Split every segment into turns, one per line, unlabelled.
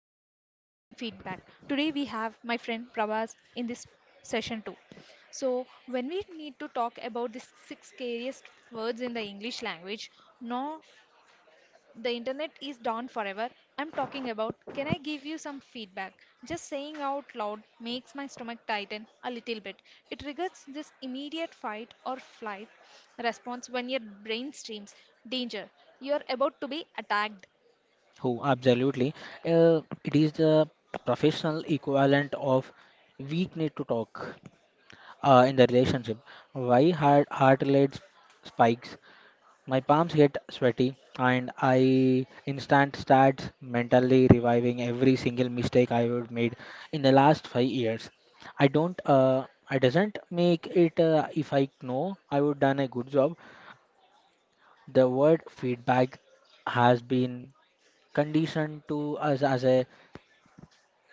which is on handling feedback. Today we have my friend Prabhas in this session too. So, when we need to talk about the six scariest words in the English language, no, the internet is down forever. I'm talking about can I give you some feedback? Just saying out loud makes my stomach tighten a little bit. It triggers this immediate fight or flight response when your brain streams danger. You're about to be attacked.
Who absolutely it is the professional equivalent of we need to talk in the relationship. Why heart rate spikes? My palms get sweaty and I instant starts mentally reviving every single mistake I would made in the last 5 years. I doesn't make it if I know I would done a good job. The word feedback has been conditioned to us as a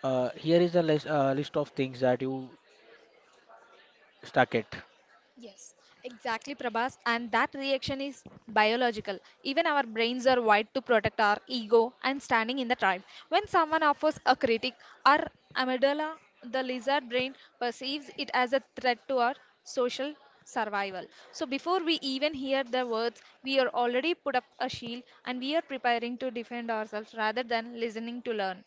here is a list, list of things that you stuck at.
Yes, exactly, Prabhas. And that reaction is biological. Even our brains are wired to protect our ego and standing in the tribe. When someone offers a critic, our amygdala, the lizard brain, perceives it as a threat to our social survival. So before we even hear the words, we are already put up a shield and we are preparing to defend ourselves rather than listening to learn.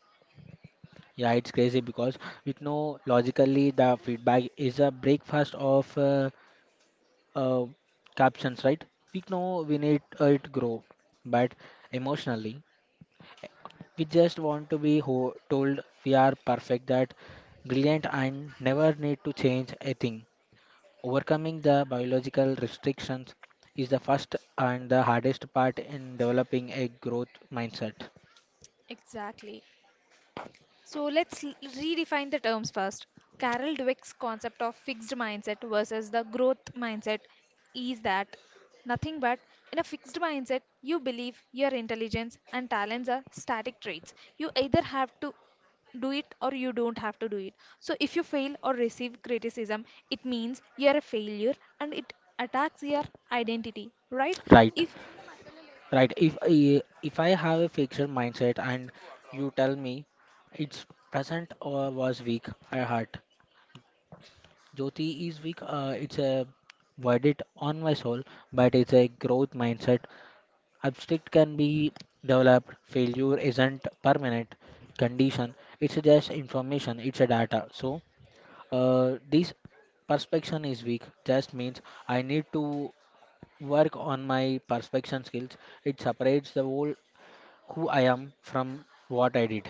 Yeah, it's crazy because with no logically the feedback is a breakfast of uh, captions, right? We know we need it grow, but emotionally we just want to be told we are perfect, that brilliant, and never need to change a thing. Overcoming the biological restrictions is the first and the hardest part in developing a growth mindset.
Exactly. So let's redefine the terms first. Carol Dweck's concept of fixed mindset versus the growth mindset is that nothing but in a fixed mindset, you believe your intelligence and talents are static traits. You either have to do it or you don't have to do it. So if you fail or receive criticism, it means you are a failure and it attacks your identity, right?
Right.
If
Right. If I have a fixed mindset and you tell me it's present or was weak, I hurt. Jyoti is weak. It's a verdict on my soul, but it's a growth mindset. Abstract can be developed. Failure isn't permanent condition. It's just information. It's a data. So this perspection is weak. Just means I need to work on my perspection skills. It separates the whole who I am from what I did.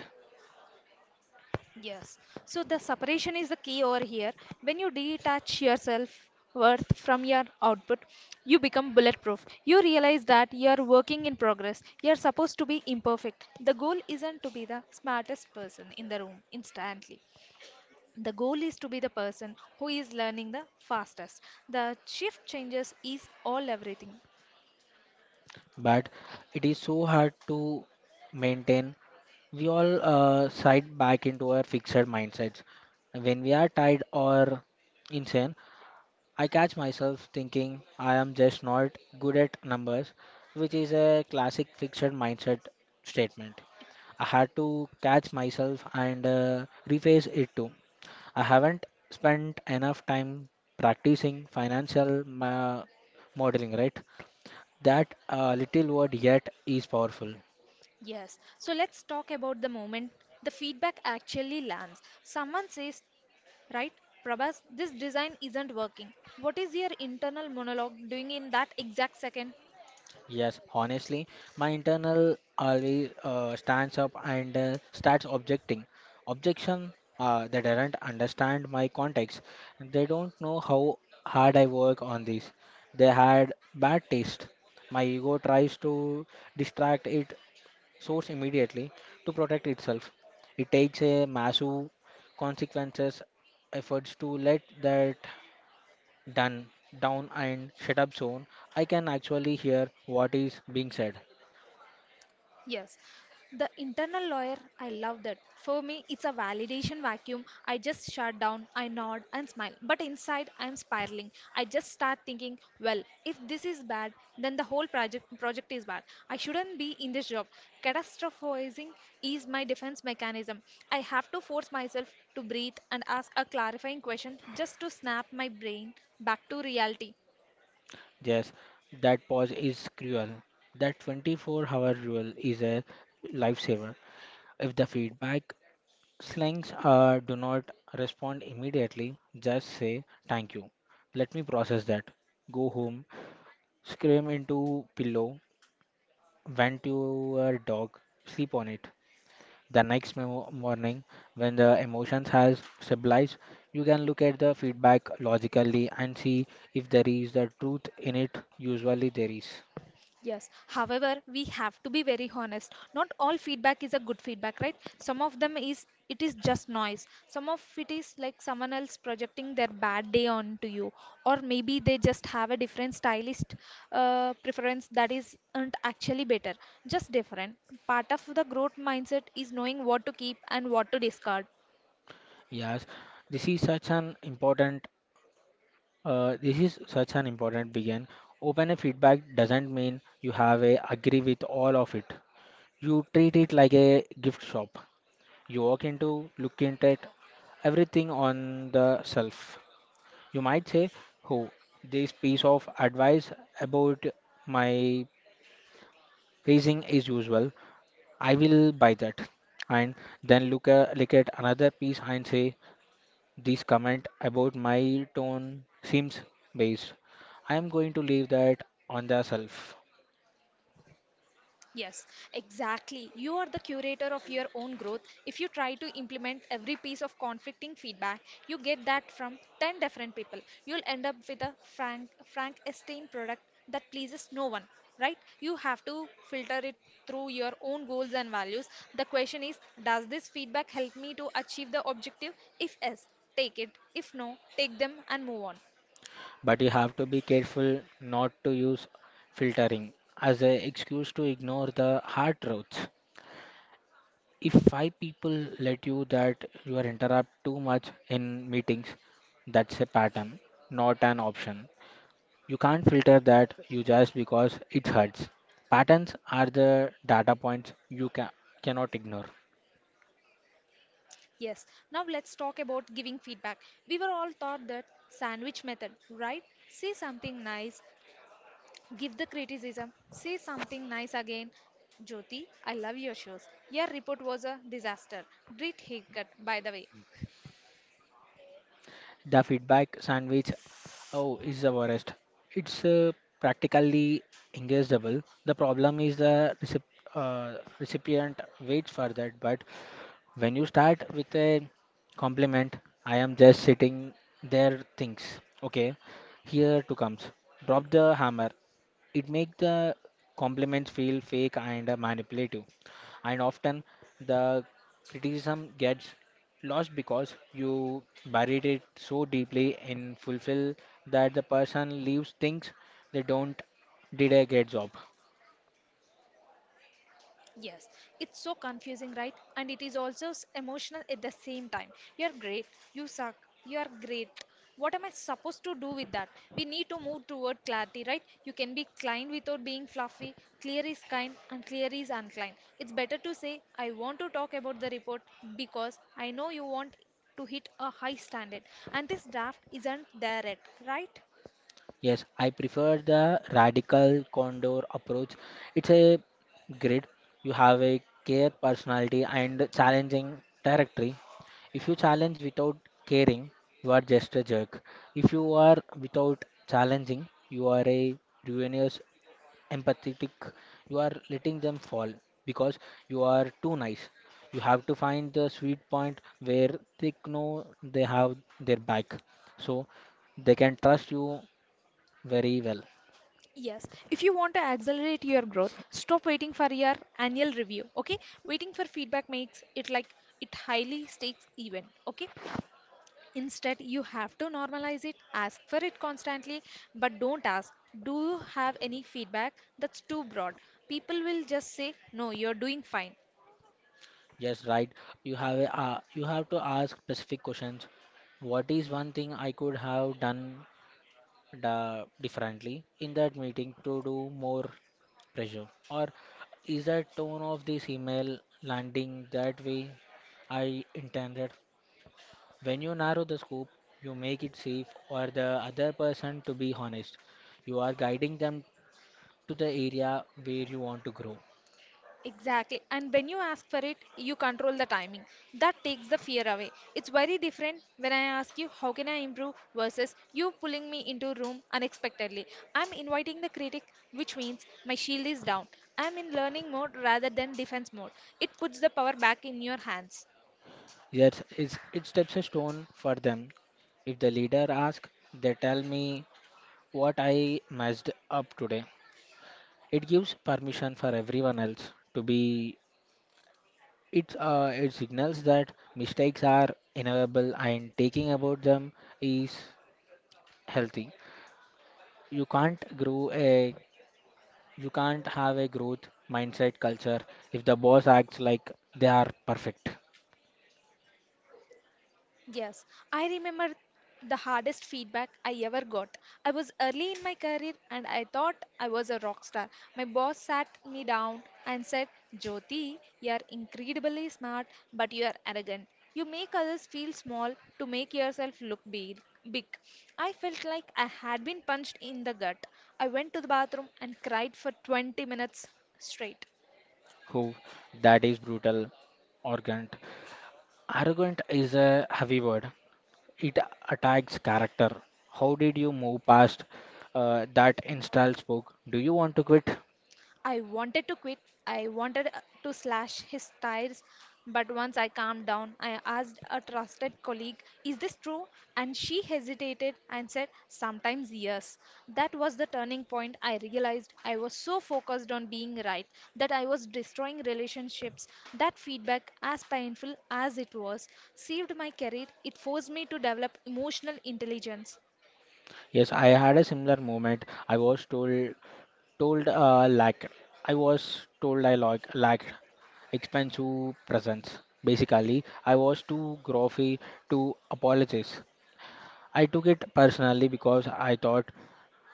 yes. So the separation is the key over here. When you detach yourself worth from your output, you become bulletproof. You realize that you are working in progress. You are supposed to be imperfect. The goal isn't to be the smartest person in the room instantly. The goal is to be the person who is learning the fastest. The shift changes is all everything.
But it is so hard to maintain. We all side back into our fixed mindsets. When we are tired or insane, I catch myself thinking I am just not good at numbers, which is a classic fixed mindset statement. I had to catch myself and rephrase it too. I haven't spent enough time practicing financial modeling, right? That little word yet is powerful.
Yes. So let's talk about the moment the feedback actually lands. Someone says, right, Prabhas, this design isn't working. What is your internal monologue doing in that exact second?
Yes, honestly, my internal always stands up and starts objecting. Objection, they don't understand my context. They don't know how hard I work on this. They had bad taste. My ego tries to distract it source immediately to protect itself. It takes a massive consequences efforts to let that done down and shut up zone I can actually hear what is being said.
Yes, the internal lawyer, I love that. For me, it's a validation vacuum. I just shut down, I nod and smile. But inside, I'm spiraling. I just start thinking, well, if this is bad, then the whole project is bad. I shouldn't be in this job. Catastrophizing is my defense mechanism. I have to force myself to breathe and ask a clarifying question just to snap my brain back to reality.
Yes, that pause is cruel. That 24-hour rule is a lifesaver. If the feedback slings do not respond immediately, just say thank you, let me process that, go home, scream into pillow, vent to your dog, sleep on it. The next morning, when the emotions has stabilized, you can look at the feedback logically and see if there is the truth in it. Usually there is.
Yes. However, we have to be very honest. Not all feedback is a good feedback, right? Some of them is it is just noise. Some of it is like someone else projecting their bad day onto you, or maybe they just have a different stylist preference that isn't actually better, just different. Part of the growth mindset is knowing what to keep and what to discard.
Yes, this is such an important. This is such an important begin. Open a feedback doesn't mean you have a agree with all of it. You treat it like a gift shop. You walk into, look into it, everything on the shelf. You might say, oh, this piece of advice about my pacing is usual. I will buy that. And then look at another piece and say, this comment about my tone seems based. I am going to leave that on the shelf.
Yes, exactly. You are the curator of your own growth. If you try to implement every piece of conflicting feedback, you get that from 10 different people. You'll end up with a Frankenstein product that pleases no one, right? You have to filter it through your own goals and values. The question is, does this feedback help me to achieve the objective? If yes, take it. If no, take them and move on.
But you have to be careful not to use filtering as an excuse to ignore the hard truths. If five people let you that you are interrupt too much in meetings, that's a pattern, not an option. You can't filter that you just because it hurts. Patterns are the data points you cannot ignore.
Yes, now let's talk about giving feedback. We were all taught that sandwich method, right? Say something nice, give the criticism, say something nice again. Jyoti, I love your shows. Your report was a disaster. Great haircut, by the way.
The feedback sandwich, oh, is the worst. It's practically inguessable. The problem is the recipient waits for that. But when you start with a compliment, I am just sitting there thinks, okay, here to comes. Drop the hammer. It make the compliments feel fake and manipulative. And often the criticism gets lost because you buried it so deeply in fulfill that the person leaves thinks they don't did a great job.
Yes, it's so confusing, right? And it is also emotional at the same time. You're great, you suck, you're great. What am I supposed to do with that? We need to move toward clarity, right? You can be kind without being fluffy. Clear is kind and clear is unkind. It's better to say, I want to talk about the report because I know you want to hit a high standard. And this draft isn't there yet, right?
Yes, I prefer the radical condor approach. It's a grid. You have a care personality and challenging territory. If you challenge without caring, you are just a jerk. If you are without challenging, you are a ruinous, empathetic. You are letting them fall because you are too nice. You have to find the sweet point where they know they have their back. So they can trust you very well.
Yes, if you want to accelerate your growth, stop waiting for your annual review. Okay, waiting for feedback makes it like it highly stakes event. Okay, instead, you have to normalize it, ask for it constantly, but don't ask, do you have any feedback? That's too broad. People will just say, no, you're doing fine.
Yes, right. You have a, you have to ask specific questions. What is one thing I could have done da differently in that meeting to do more pressure? Or is that tone of this email landing that way I intended? When you narrow the scope, you make it safe or the other person to be honest. You are guiding them to the area where you want to grow.
Exactly. And when you ask for it, you control the timing. That takes the fear away. It's very different when I ask you, how can I improve, versus you pulling me into a room unexpectedly. I'm inviting the critic, which means my shield is down. I'm in learning mode rather than defense mode. It puts the power back in your hands.
Yes, it's, it steps a stone for them. If the leader asks, they tell me what I messed up today. It gives permission for everyone else to be. It's it signals that mistakes are inevitable and taking about them is healthy. You can't grow a you can't have a growth mindset culture if the boss acts like they are perfect.
Yes, I remember the hardest feedback I ever got. I was early in my career and I thought I was a rock star. My boss sat me down and said, Jyoti, you are incredibly smart, but you are arrogant. You make others feel small to make yourself look big. I felt like I had been punched in the gut. I went to the bathroom and cried for 20 minutes straight.
Who that is brutal, arrogant. Arrogant is a heavy word. It attacks character. How did you move past that instal book? Do you want to quit?
I wanted to quit. I wanted to slash his tires. But once I calmed down, I asked a trusted colleague, is this true? And she hesitated and said, sometimes yes. That was the turning point. I realized I was so focused on being right that I was destroying relationships. That feedback, as painful as it was, saved my career. It forced me to develop emotional intelligence.
Yes, I had a similar moment. I was told told like I was told I like lacked expensive presents. Basically, I was too grumpy to apologize. I took it personally because I thought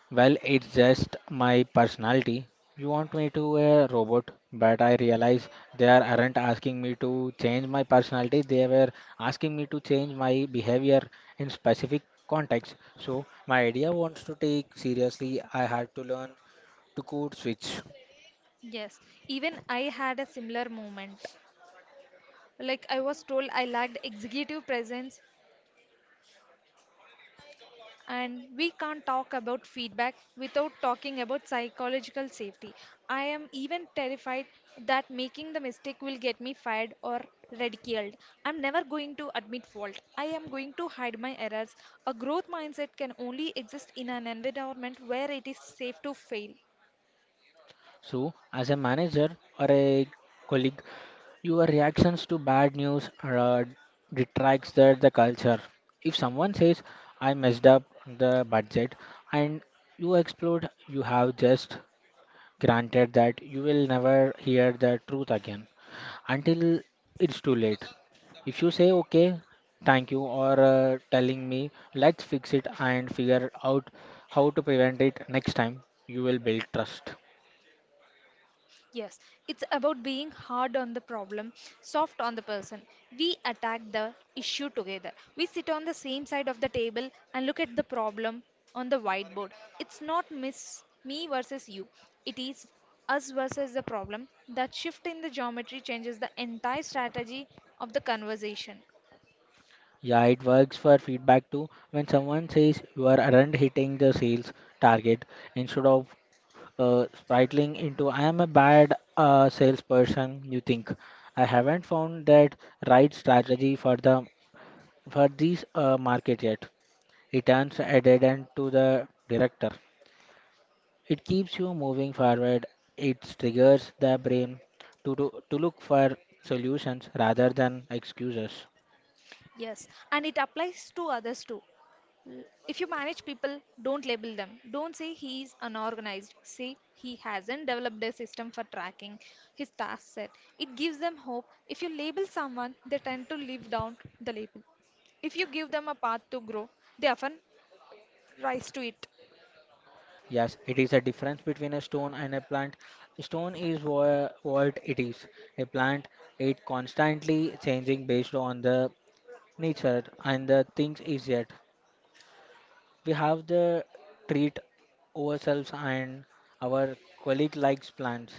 well, it's just my personality. You want me to a robot, but I realize they aren't asking me to change my personality. They were asking me to change my behavior in specific context. So my idea wants to take seriously. I had to learn to code switch.
Yes, even I had a similar moment. Like I was told, I lacked executive presence, and we can't talk about feedback without talking about psychological safety. I am even terrified that making the mistake will get me fired or ridiculed. I'm never going to admit fault. I am going to hide my errors. A growth mindset can only exist in an environment where it is safe to fail.
So as a manager or a colleague, your reactions to bad news detracts the culture. If someone says, I messed up the budget, and you explode, you have just granted that you will never hear the truth again until it's too late. If you say, okay, thank you, or telling me, let's fix it and figure out how to prevent it next time, you will build trust.
Yes, it's about being hard on the problem, soft on the person. We attack the issue together. We sit on the same side of the table and look at the problem on the whiteboard. It's not miss me versus you. It is us versus the problem. That shift in the geometry changes the entire strategy of the conversation.
Yeah, it works for feedback too. When someone says you are aren't hitting the sales target, instead of spiraling into I am a bad salesperson, you think I haven't found that right strategy for the for this market yet. It turns a dead end to the director. It keeps you moving forward. It triggers the brain to do, to look for solutions rather than excuses.
Yes, and it applies to others too. If you manage people, don't label them. Don't say he is unorganized. Say he hasn't developed a system for tracking his task set. It gives them hope. If you label someone, they tend to live down the label. If you give them a path to grow, they often rise to it.
Yes, it is a difference between a stone and a plant. Stone is what it is. A plant, it constantly changing based on the nature and the things is yet. We have the treat ourselves and our colleague likes plants.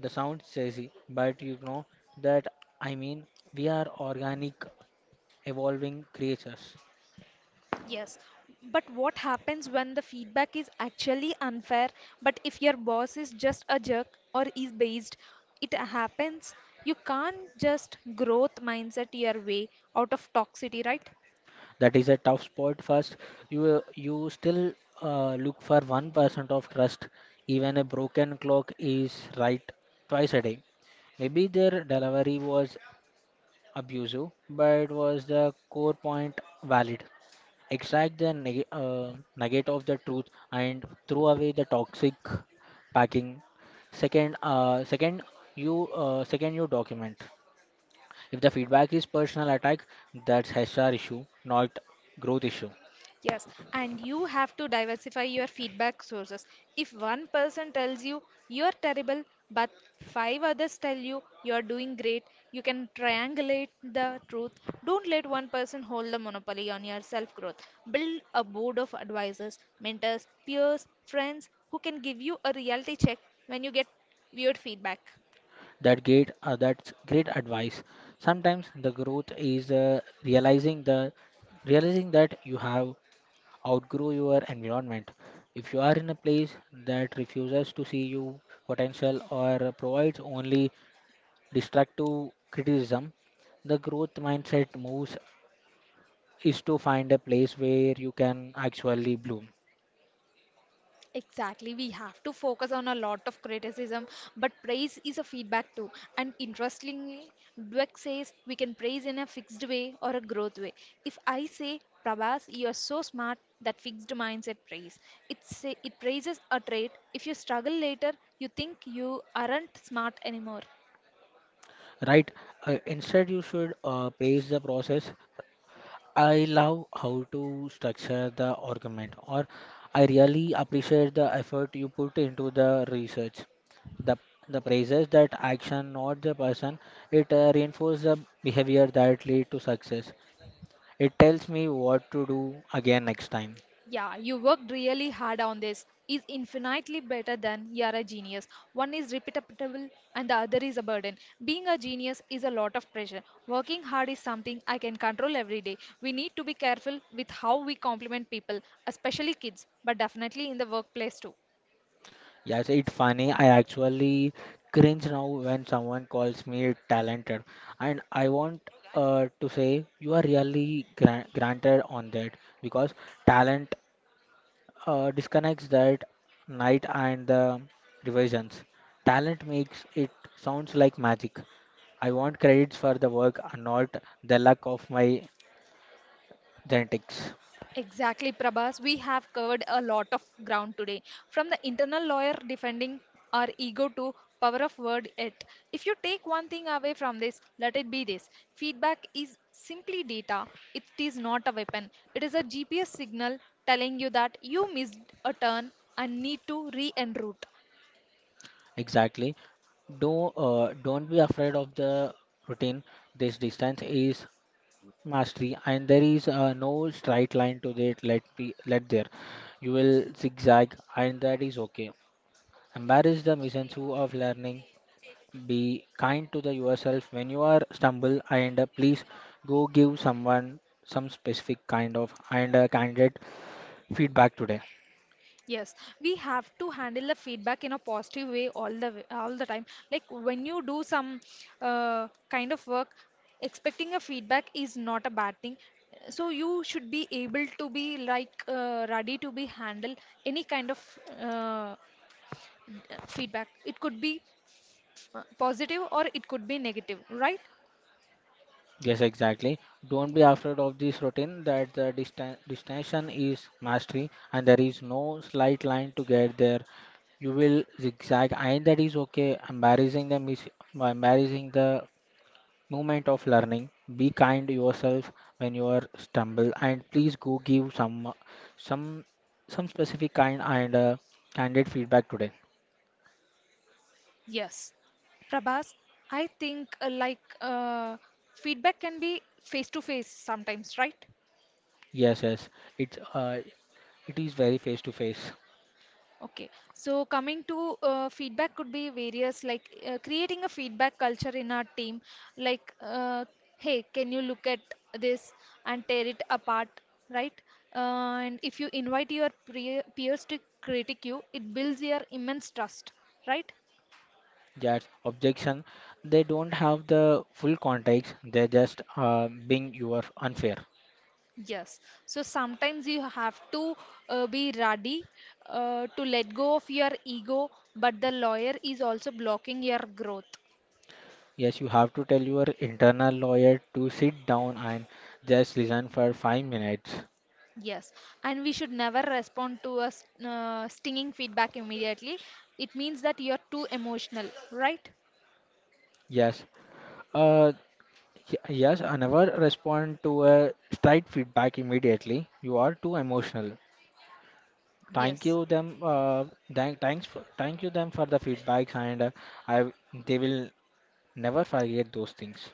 The sound sassy, but you know that I mean we are organic evolving creatures.
Yes, but what happens when the feedback is actually unfair? But if your boss is just a jerk or is based, it happens. You can't just growth mindset your way out of toxicity, right?
That is a tough spot. First you you still look for 1% of trust. Even a broken clock is right twice a day. Maybe their delivery was abusive but was the core point valid. Extract the nugget of the truth and throw away the toxic packing. Second second you document. If the feedback is personal attack, that's HR issue, not growth issue.
Yes, and you have to diversify your feedback sources. If one person tells you you're terrible, but five others tell you you're doing great, you can triangulate the truth. Don't let one person hold the monopoly on your self growth. Build a board of advisors, mentors, peers, friends who can give you a reality check when you get weird feedback.
That great, that's great advice. Sometimes the growth is realizing the realizing that you have outgrow your environment. If you are in a place that refuses to see you potential or provides only destructive criticism, the growth mindset moves is to find a place where you can actually bloom
Exactly, we have to focus on a lot of criticism, but praise is a feedback too. And interestingly, Dweck says we can praise in a fixed way or a growth way. If I say, Prabhas, you are so smart, that fixed mindset praise. It say, it praises a trait. If you struggle later, you think you aren't smart anymore.
right instead you should praise the process. I love how to structure the argument, or I really appreciate the effort you put into the research. The the praises that action, not the person, it reinforces the behavior that lead to success. It tells me what to do again next time.
Yeah, you worked really hard on this. Is infinitely better than you're a genius. One is repeatable and the other is a burden. Being a genius is a lot of pressure. Working hard is something I can control every day. We need to be careful with how we compliment people, especially kids, but definitely in the workplace too.
Yes, it's funny. I actually cringe now when someone calls me talented, and I want to say you are really granted on that because talent disconnects that night and the revisions. Talent makes it sounds like magic. I want credits for the work and not the luck of my genetics.
Exactly, Prabhas. We have covered a lot of ground today, from the internal lawyer defending our ego to power of word it. If you take one thing away from this, let it be this. Feedback is simply data. It is not a weapon. It is a GPS signal telling you that you missed a turn and need to re-enroute.
Exactly. Don't be afraid of the routine. This distance is mastery, and there is no straight line to that. Let be let there. You will zigzag, and that is okay. Embrace the misanthropy of learning. Be kind to the yourself when you are stumble and please go give someone some specific kind of and candid feedback today.
Yes, we have to handle the feedback in a positive way, all the time. Like when you do some kind of work, expecting a feedback is not a bad thing. So you should be able to be like ready to be handle any kind of feedback. It could be positive or it could be negative?
Yes, exactly. Don't be afraid of this routine that the distinction is mastery and there is no slight line to get there. You will zigzag and that is okay. Embarrassing them is embarrassing the moment of learning. Be kind to yourself when you are stumble, and please go give some some specific kind and candid feedback today.
Yes. Prabhas, I think like feedback can be face to face sometimes, right?
Yes, yes, it's it is very face to face.
Okay, so coming to feedback could be various, like creating a feedback culture in our team, like, hey, can you look at this and tear it apart, right? And if you invite your peers to critique you, it builds your immense trust, right?
Yes, objection. They don't have the full context. They're just being you are unfair.
Yes. So sometimes you have to be ready to let go of your ego, but the lawyer is also blocking your growth.
Yes, you have to tell your internal lawyer to sit down and just listen for 5 minutes.
Yes, and we should never respond to a stinging feedback immediately. It means that you're too emotional, right?
Yes. Uh, Yes, I never respond to a straight feedback immediately. You are too emotional. Thank
Yes.
you them. Thank you them for the feedbacks, and I they will never forget those things.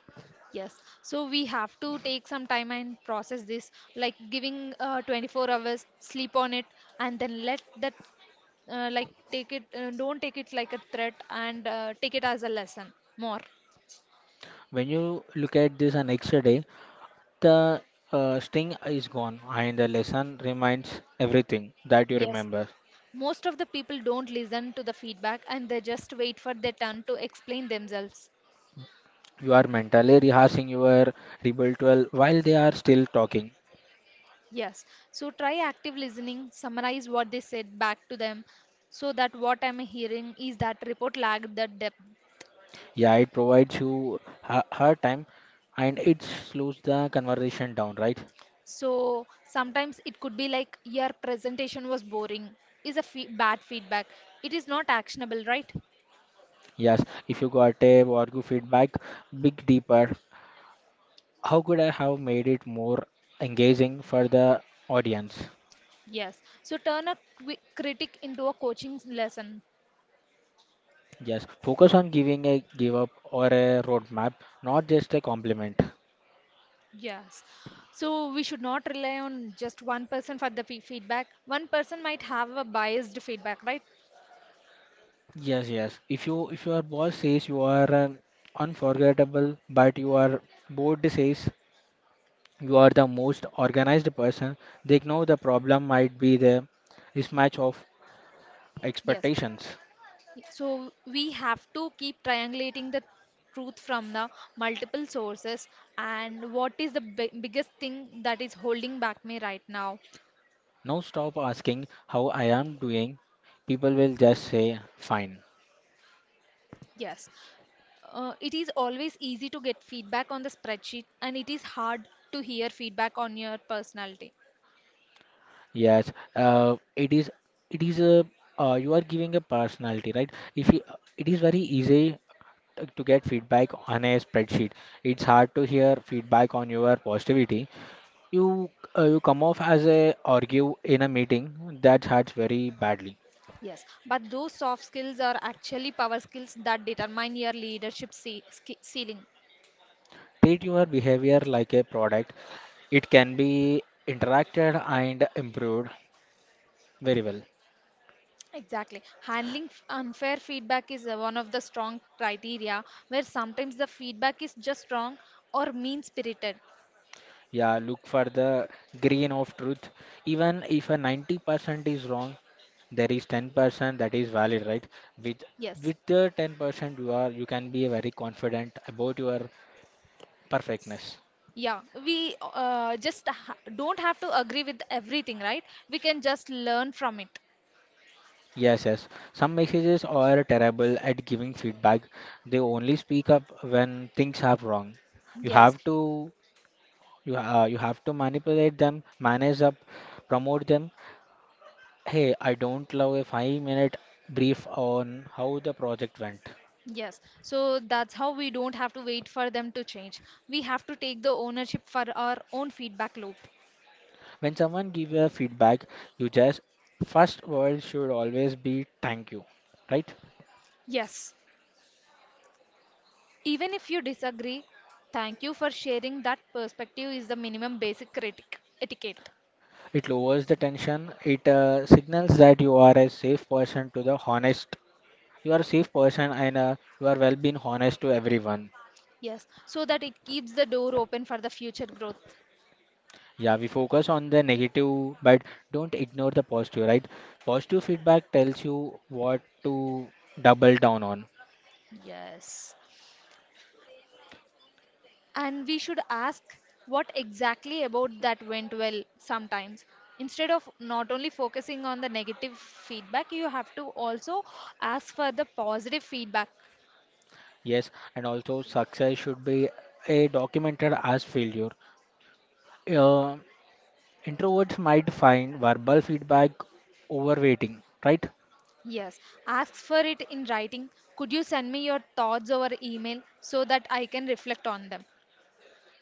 Yes, so we have to take some time and process this, like giving 24 hours, sleep on it, and then let that, take it, don't take it like a threat and take it as a lesson more.
When you look at this and next day, the sting is gone, and the lesson remains everything that you
Yes,
remember.
most of the people don't listen to the feedback and they just wait for their turn to explain themselves.
You are mentally rehearsing your rebuttal while they are still talking.
Yes. So try active listening, summarize what they said back to them so that what I'm hearing is that report lacked the depth.
Yeah, it provides you her time and it slows the conversation down, right?
So sometimes it could be like your presentation was boring is a fe bad feedback. It is not actionable, right?
Yes, if you got a argue feedback, dig deeper. How could I have made it more engaging for the audience?
Yes. So turn a critic into a coaching lesson.
Yes, focus on giving a give up or a roadmap, not just a compliment.
Yes. So we should not rely on just one person for the feedback. One person might have a biased feedback, right?
Yes, yes. If your boss says you are an unforgettable, but your board says you are the most organized person. They know the problem might be the mismatch of
Yes.
expectations.
So we have to keep triangulating the truth from the multiple sources and what is the biggest thing that is holding back me right now?
Now stop asking how I am doing. People will just say fine.
Yes. It is always easy to get feedback on the spreadsheet and it is hard to hear feedback on your personality.
Yes, it is. It is a. You are giving a personality, right? If you, it is very easy to get feedback on a spreadsheet. It's hard to hear feedback on your positivity. You you come off as a argue in a meeting that hurts very badly.
Yes, but those soft skills are actually power skills that determine your leadership ceiling.
Treat your behavior like a product. It can be interacted and improved very well.
Exactly. Handling unfair feedback is one of the strong criteria where sometimes the feedback is just wrong or mean spirited.
Yeah, look for the green of truth, even if a 90% is wrong, there is 10% that is valid, right? with
Yes.
with the 10% you are, you can be very confident about your perfectness.
Yeah. We don't have to agree with everything, right? We can just learn from it.
Yes, yes, some messages are terrible at giving feedback. They only speak up when things are wrong. You
Yes.
have to You you have to manipulate them, manage up, promote them. Hey, I don't love a 5 minute brief on how the project went.
Yes. So that's how we don't have to wait for them to change. We have to take the ownership for our own feedback loop.
When someone gives a feedback, you just first word should always be thank you, right?
Yes. Even if you disagree, thank you for sharing that perspective is the minimum basic critic etiquette.
It lowers the tension. It signals that you are a safe person to the honest. You are a safe person, and you are well being honest to everyone.
Yes, so that it keeps the door open for the future growth.
Yeah, we focus on the negative, but don't ignore the positive, right? Positive feedback tells you what to double down on.
Yes. And we should ask what exactly about that went well sometimes. Instead of not only focusing on the negative feedback, you have to also ask for the positive feedback.
Yes, and also success should be a documented as failure. Uh, introverts might find verbal feedback overweighting, right?
Yes, ask for it in writing. Could you send me your thoughts over email so that I can reflect on them?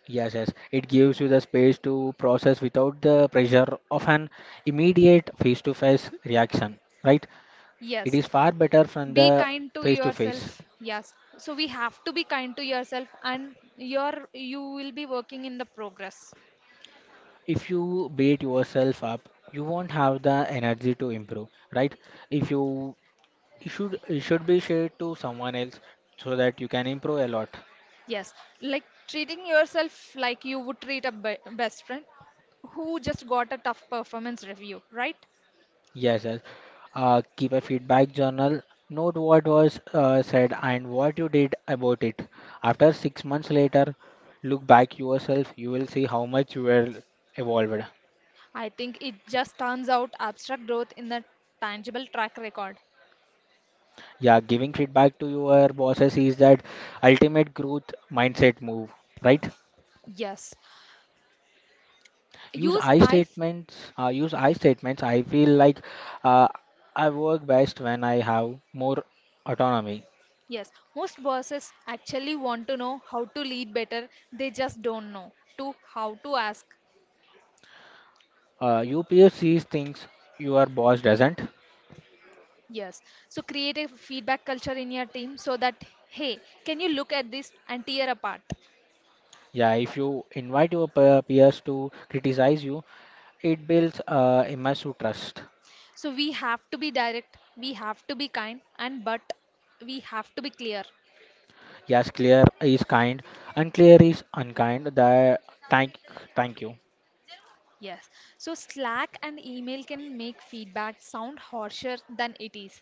Yes, yes, it gives you the space to process without the pressure of an immediate face-to-face reaction, right? It
Yes,
is far better from
be
the
kind to
face-to-face.
yourself. Yes, so we have to be kind to yourself and your you will be working in the progress.
If you beat yourself up, you won't have the energy to improve, right? If you it should it should be shared to someone else so that you can improve a lot.
Yes, like treating yourself like you would treat a best friend who just got a tough performance review, right?
Yes, yes, keep a feedback journal. Note what was said and what you did about it. After 6 months later, look back yourself, you will see how much you were evolved.
I think it just turns out abstract growth in the tangible track record.
Yeah, giving feedback to your bosses is that ultimate growth mindset move, right?
Yes.
Use
use
I
I
statements. Use I statements. I feel like uh, I work best when I have more autonomy.
yes Most bosses actually want to know how to lead better, they just don't know to how to ask.
Your peer sees things your boss doesn't.
Yes. So create a feedback culture in your team so that, hey, can you look at this and tear apart?
Yeah, if you invite your peers to criticize you, it builds immersive trust.
So we have to be direct, we have to be kind, and but we have to be clear.
Yes, clear is kind, unclear is unkind. Thank, thank you.
Yes. So Slack and email can make feedback sound harsher than it is.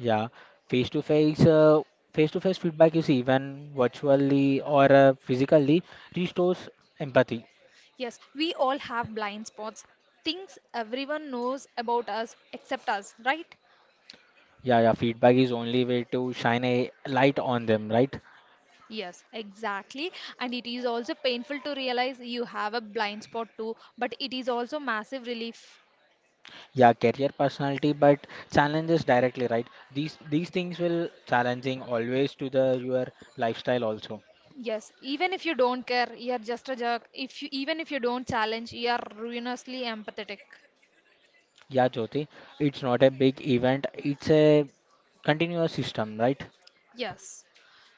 Yeah, face to face, uh, face to face feedback is even virtually or physically restores empathy.
Yes, we all have blind spots, things everyone knows about us except us, right?
Yeah, yeah, feedback is only way to shine a light on them, right?
Yes, exactly. And it is also painful to realize you have a blind spot too, but it is also massive relief.
Yeah, career personality, but challenges directly, right? These things will challenging always to the your lifestyle also.
Yes, even if you don't care, you're just a jerk. If you even if you don't challenge, you're ruinously empathetic.
Yeah, Jyoti, it's not a big event, it's a continuous system, right?
Yes.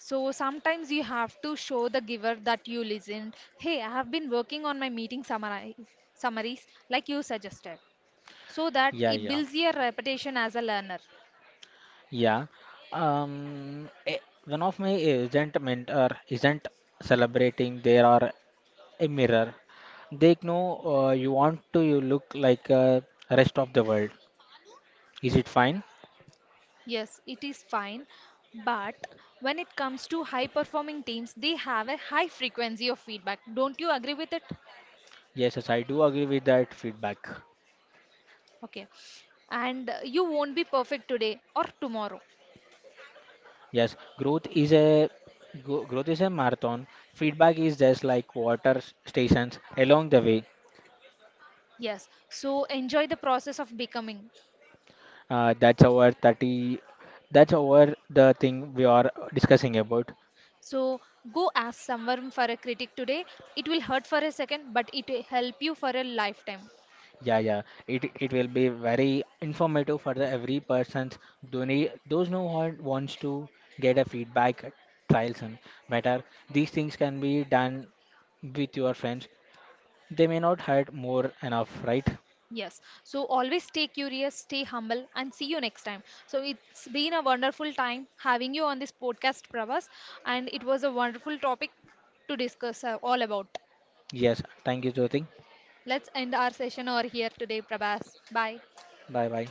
So sometimes you have to show the giver that you listened. Hey, I have been working on my summaries like you suggested, so that
Yeah,
it
yeah,
builds your reputation as a learner.
yeah. Um, eh, One of my agent mentor isn't celebrating. There are a mirror. They know you want to you look like rest of the world. Is it fine?
Yes, it is fine, but when it comes to high performing teams, they have a high frequency of feedback. Don't you agree with it?
Yes, yes, I do agree with that feedback.
Okay. And you won't be perfect today or tomorrow.
Yes, growth is a marathon. Feedback is just like water stations along the way.
Yes. So enjoy the process of becoming.
Uh, that's our 30 that's our the thing we are discussing about.
So go ask someone for a critic today. It will hurt for a second, but it will help you for a lifetime.
Yeah, yeah. It will be very informative for the every person's donate those who want wants to get a feedback trials and better. These things can be done with your friends. They may not had more enough, right?
Yes. So always stay curious, stay humble, and see you next time. So it's been a wonderful time having you on this podcast, Pravas, and it was a wonderful topic to discuss all about.
Yes. Thank you, Jyoti.
Let's end our session over here today, Prabhas. Bye.
Bye bye.